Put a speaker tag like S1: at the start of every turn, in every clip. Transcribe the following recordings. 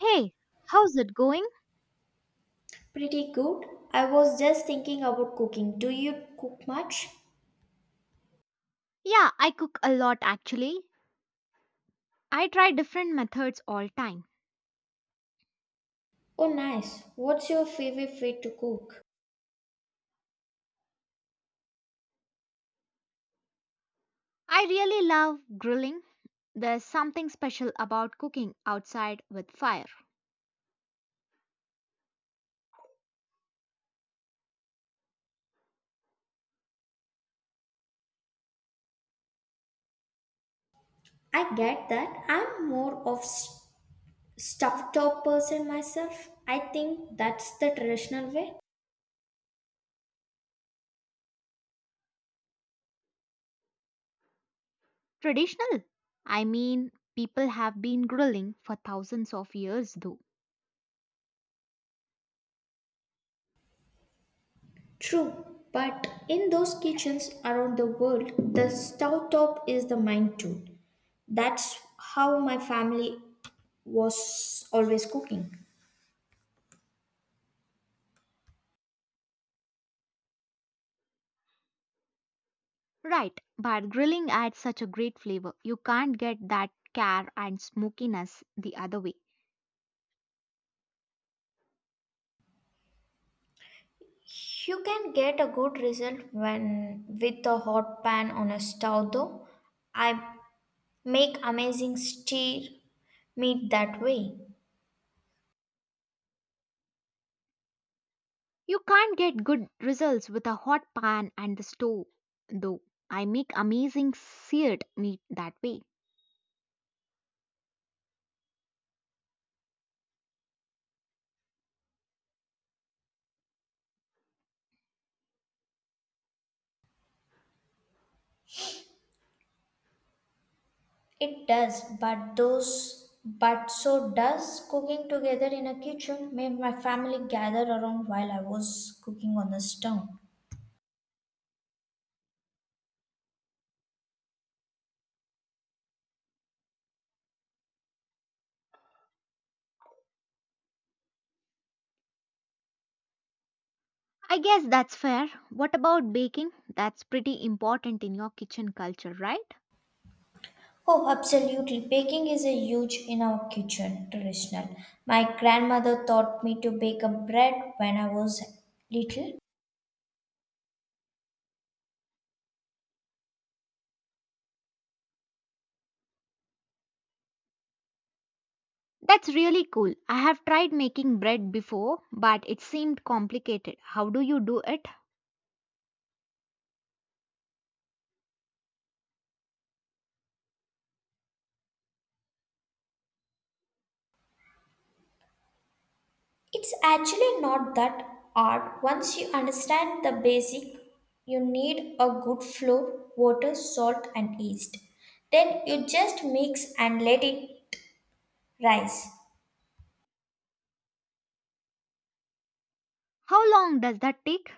S1: Hey, how's it going?
S2: Pretty good. I was just thinking about cooking. Do you cook much?
S1: Yeah, I cook a lot actually. I try different methods all time.
S2: Oh, nice. What's your favorite way to cook?
S1: I really love grilling. There's something special about cooking outside with fire.
S2: I get that. I'm more of stuffed top person myself. I think that's the traditional way.
S1: Traditional? People have been grilling for thousands of years though.
S2: True, but in those kitchens around the world, the stove top is the main tool. That's how my family was always cooking.
S1: Right, but grilling adds such a great flavor. You can't get that care and smokiness the other way.
S2: You can get a good result when with a hot pan on a stove though. I make amazing steer meat that way.
S1: You can't get good results with a hot pan and the stove, though. I make amazing seared meat that way.
S2: It does, but those but so does cooking together in a kitchen made my family gather around while I was cooking on the stove.
S1: I guess that's fair. What about baking? That's pretty important in your kitchen culture, right?
S2: Oh, absolutely. Baking is a huge in our kitchen traditional. My grandmother taught me to bake a bread when I was little.
S1: That's really cool. I have tried making bread before, but it seemed complicated. How do you do it?
S2: It's actually not that hard once you understand the basic. You need a good flour, water, salt, and yeast. Then you just mix and let it rise.
S1: How long does that take?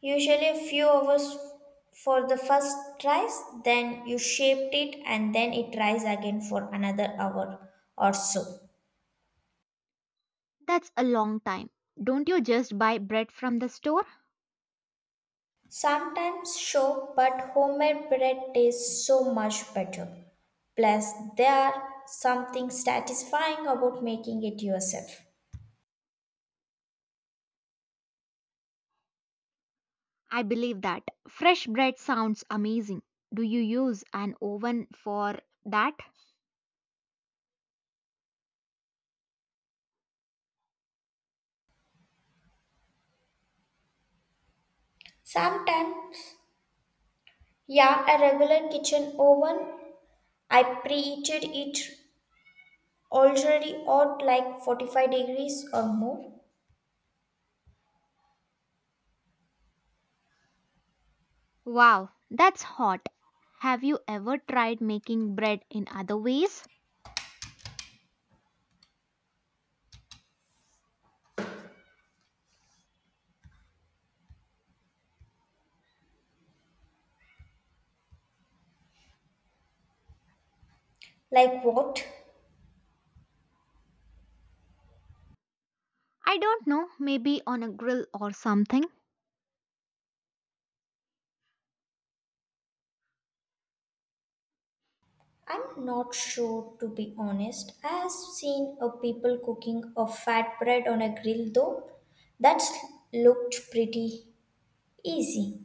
S2: Usually a few hours for the first rise, then you shaped it and then it rise again for another hour or so.
S1: That's a long time. Don't you just buy bread from the store?
S2: Sometimes show, but homemade bread tastes so much better. Plus, there are something satisfying about making it yourself.
S1: I believe that. Fresh bread sounds amazing. Do you use an oven for that?
S2: Sometimes, yeah, a regular kitchen oven, I preheated it already at like 45 degrees or more.
S1: Wow, that's hot. Have you ever tried making bread in other ways?
S2: Like what?
S1: I don't know, maybe on a grill or something.
S2: I'm not sure to be honest. I have seen a people cooking a fat bread on a grill though. That looked pretty easy.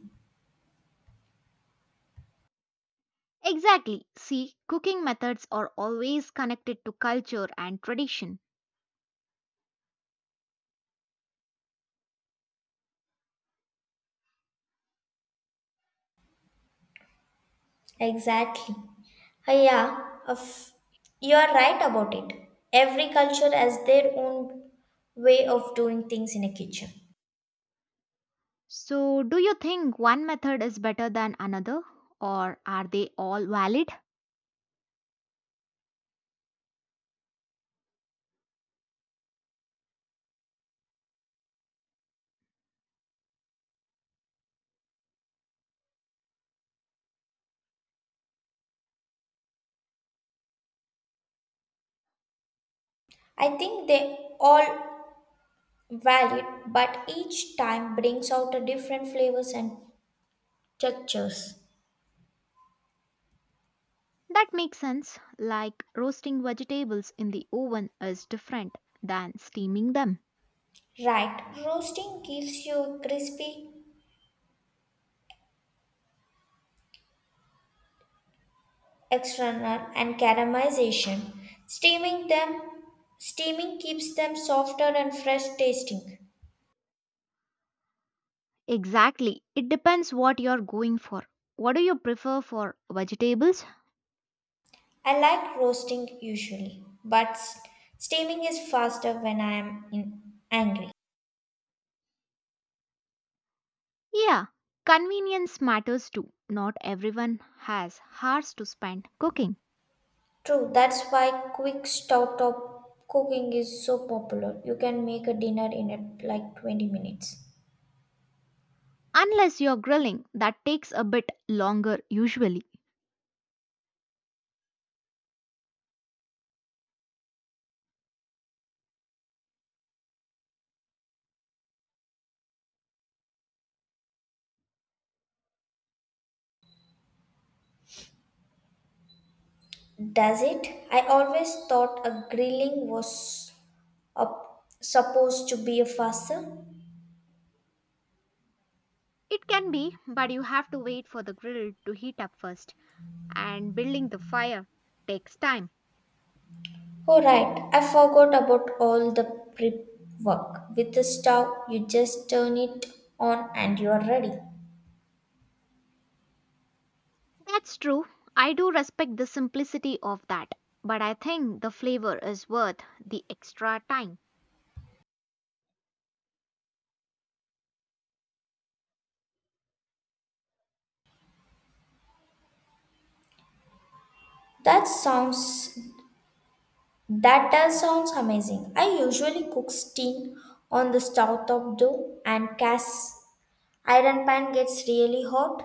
S1: Exactly. See, cooking methods are always connected to culture and tradition.
S2: Exactly. Yeah, you are right about it. Every culture has their own way of doing things in a kitchen.
S1: So, do you think one method is better than another, or are they all valid?
S2: I think they all valid, but each time brings out a different flavors and textures.
S1: That makes sense. Like roasting vegetables in the oven is different than steaming them.
S2: Right, roasting gives you crispy external and caramelization. Steaming them, steaming keeps them softer and fresh tasting.
S1: Exactly. It depends what you're going for. What do you prefer for vegetables?
S2: I like roasting usually, but steaming is faster when I am in angry.
S1: Yeah, convenience matters too. Not everyone has hours to spend cooking.
S2: True, that's why quick stove top cooking is so popular. You can make a dinner in it like 20 minutes.
S1: Unless you're grilling, that takes a bit longer usually.
S2: Does it? I always thought a grilling was supposed to be a faster.
S1: It can be, but you have to wait for the grill to heat up first, and building the fire takes time.
S2: Oh, right. I forgot about all the prep work. With the stove, you just turn it on and you are ready.
S1: That's true. I do respect the simplicity of that, but I think the flavor is worth the extra time.
S2: That sounds That does sounds amazing. I usually cook steam on the stove top though, and cast iron pan gets really hot.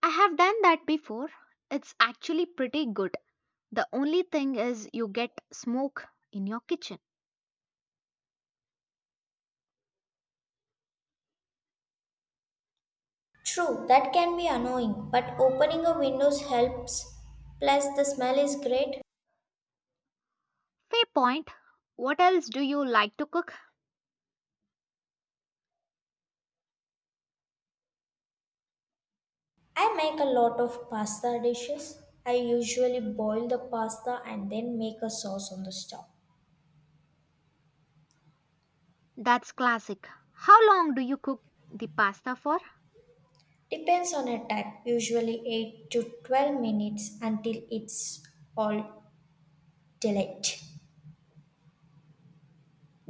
S1: I have done that before. It's actually pretty good. The only thing is you get smoke in your kitchen.
S2: True, that can be annoying, but opening a windows helps. Plus, the smell is great.
S1: Fair point. What else do you like to cook?
S2: I make a lot of pasta dishes. I usually boil the pasta and then make a sauce on the stove.
S1: That's classic. How long do you cook the pasta for?
S2: Depends on attack, usually 8 to 12 minutes until it's all delayed.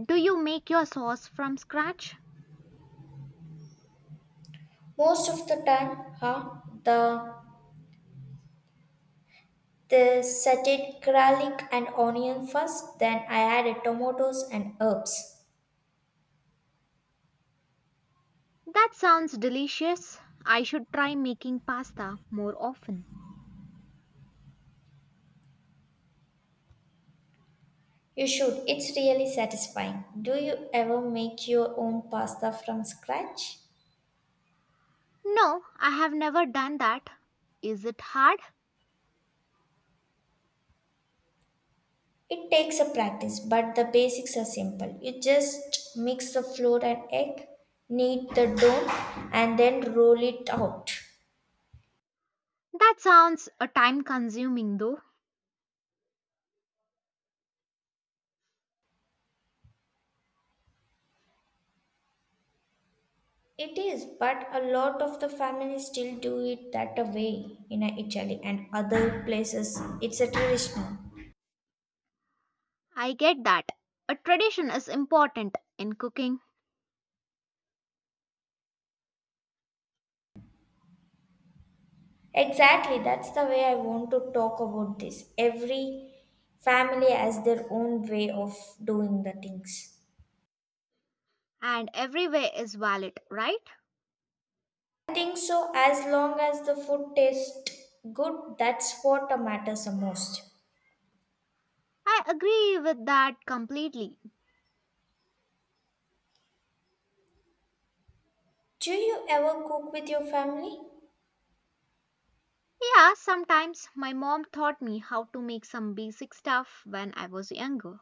S1: Do you make your sauce from scratch?
S2: Most of the time, huh? The they sauteed garlic and onion first, then I added tomatoes and herbs.
S1: That sounds delicious. I should try making pasta more often.
S2: You should. It's really satisfying. Do you ever make your own pasta from scratch?
S1: No, I have never done that. Is it hard?
S2: It takes a practice, but the basics are simple. You just mix the flour and egg, knead the dough, and then roll it out.
S1: That sounds a time consuming though.
S2: It is, but a lot of the families still do it that a way in Italy and other places. It's a traditional.
S1: I get that. A tradition is important in cooking
S2: Exactly, that's the way I want to talk about this. Every family has their own way of doing the things.
S1: and every way is valid, right?
S2: I think so, as long as the food tastes good, that's what matters the most.
S1: I agree with that completely.
S2: Do you ever cook with your family?
S1: Yeah, sometimes my mom taught me how to make some basic stuff when I was younger.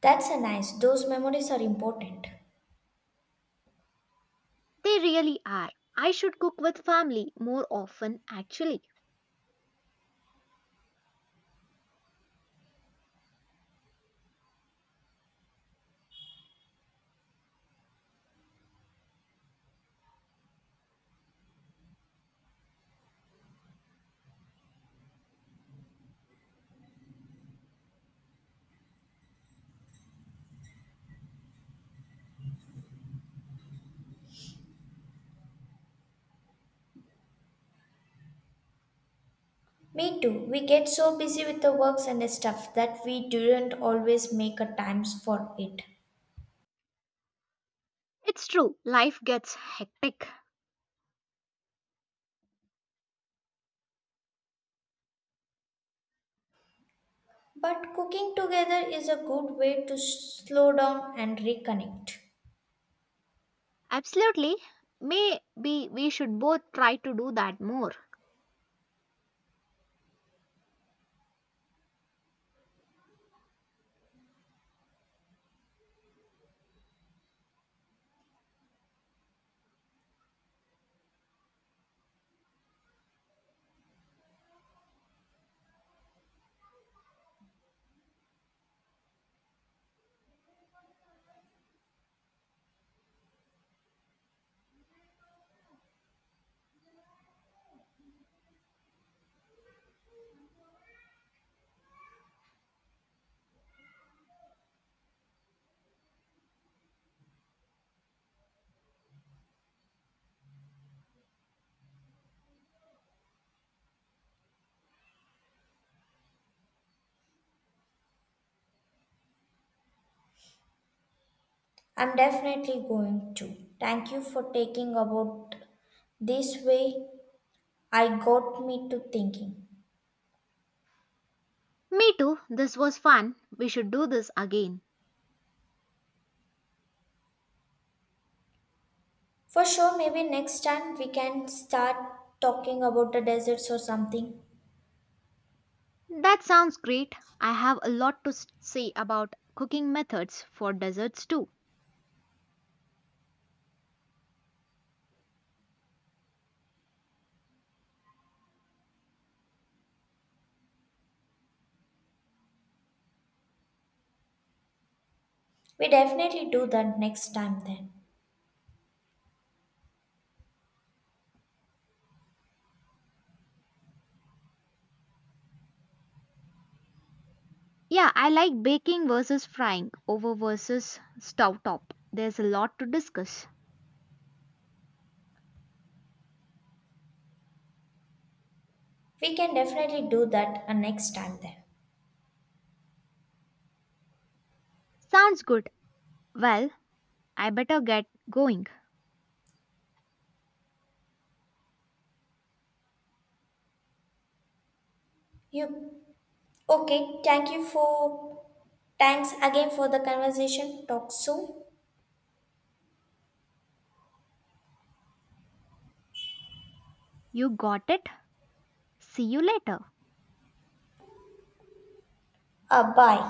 S2: That's a nice, those memories are important.
S1: They really are. I should cook with family more often actually.
S2: Me too. We get so busy with the works and the stuff that we didn't always make a times for it.
S1: It's true, life gets hectic.
S2: But cooking together is a good way to slow down and reconnect.
S1: Absolutely. Maybe we should both try to do that more.
S2: I'm definitely going to. Thank you for taking about this way. I got me to thinking.
S1: Me too. This was fun. We should do this again.
S2: For sure, maybe next time we can start talking about the deserts or something.
S1: That sounds great. I have a lot to say about cooking methods for desserts too.
S2: We definitely do that next time then.
S1: Yeah, I like baking versus frying, over versus stove top. There's a lot to discuss.
S2: We can definitely do that next time then.
S1: Sounds good. Well, I better get going.
S2: You Okay, thanks again for the conversation. Talk soon.
S1: You got it? See you later.
S2: Bye.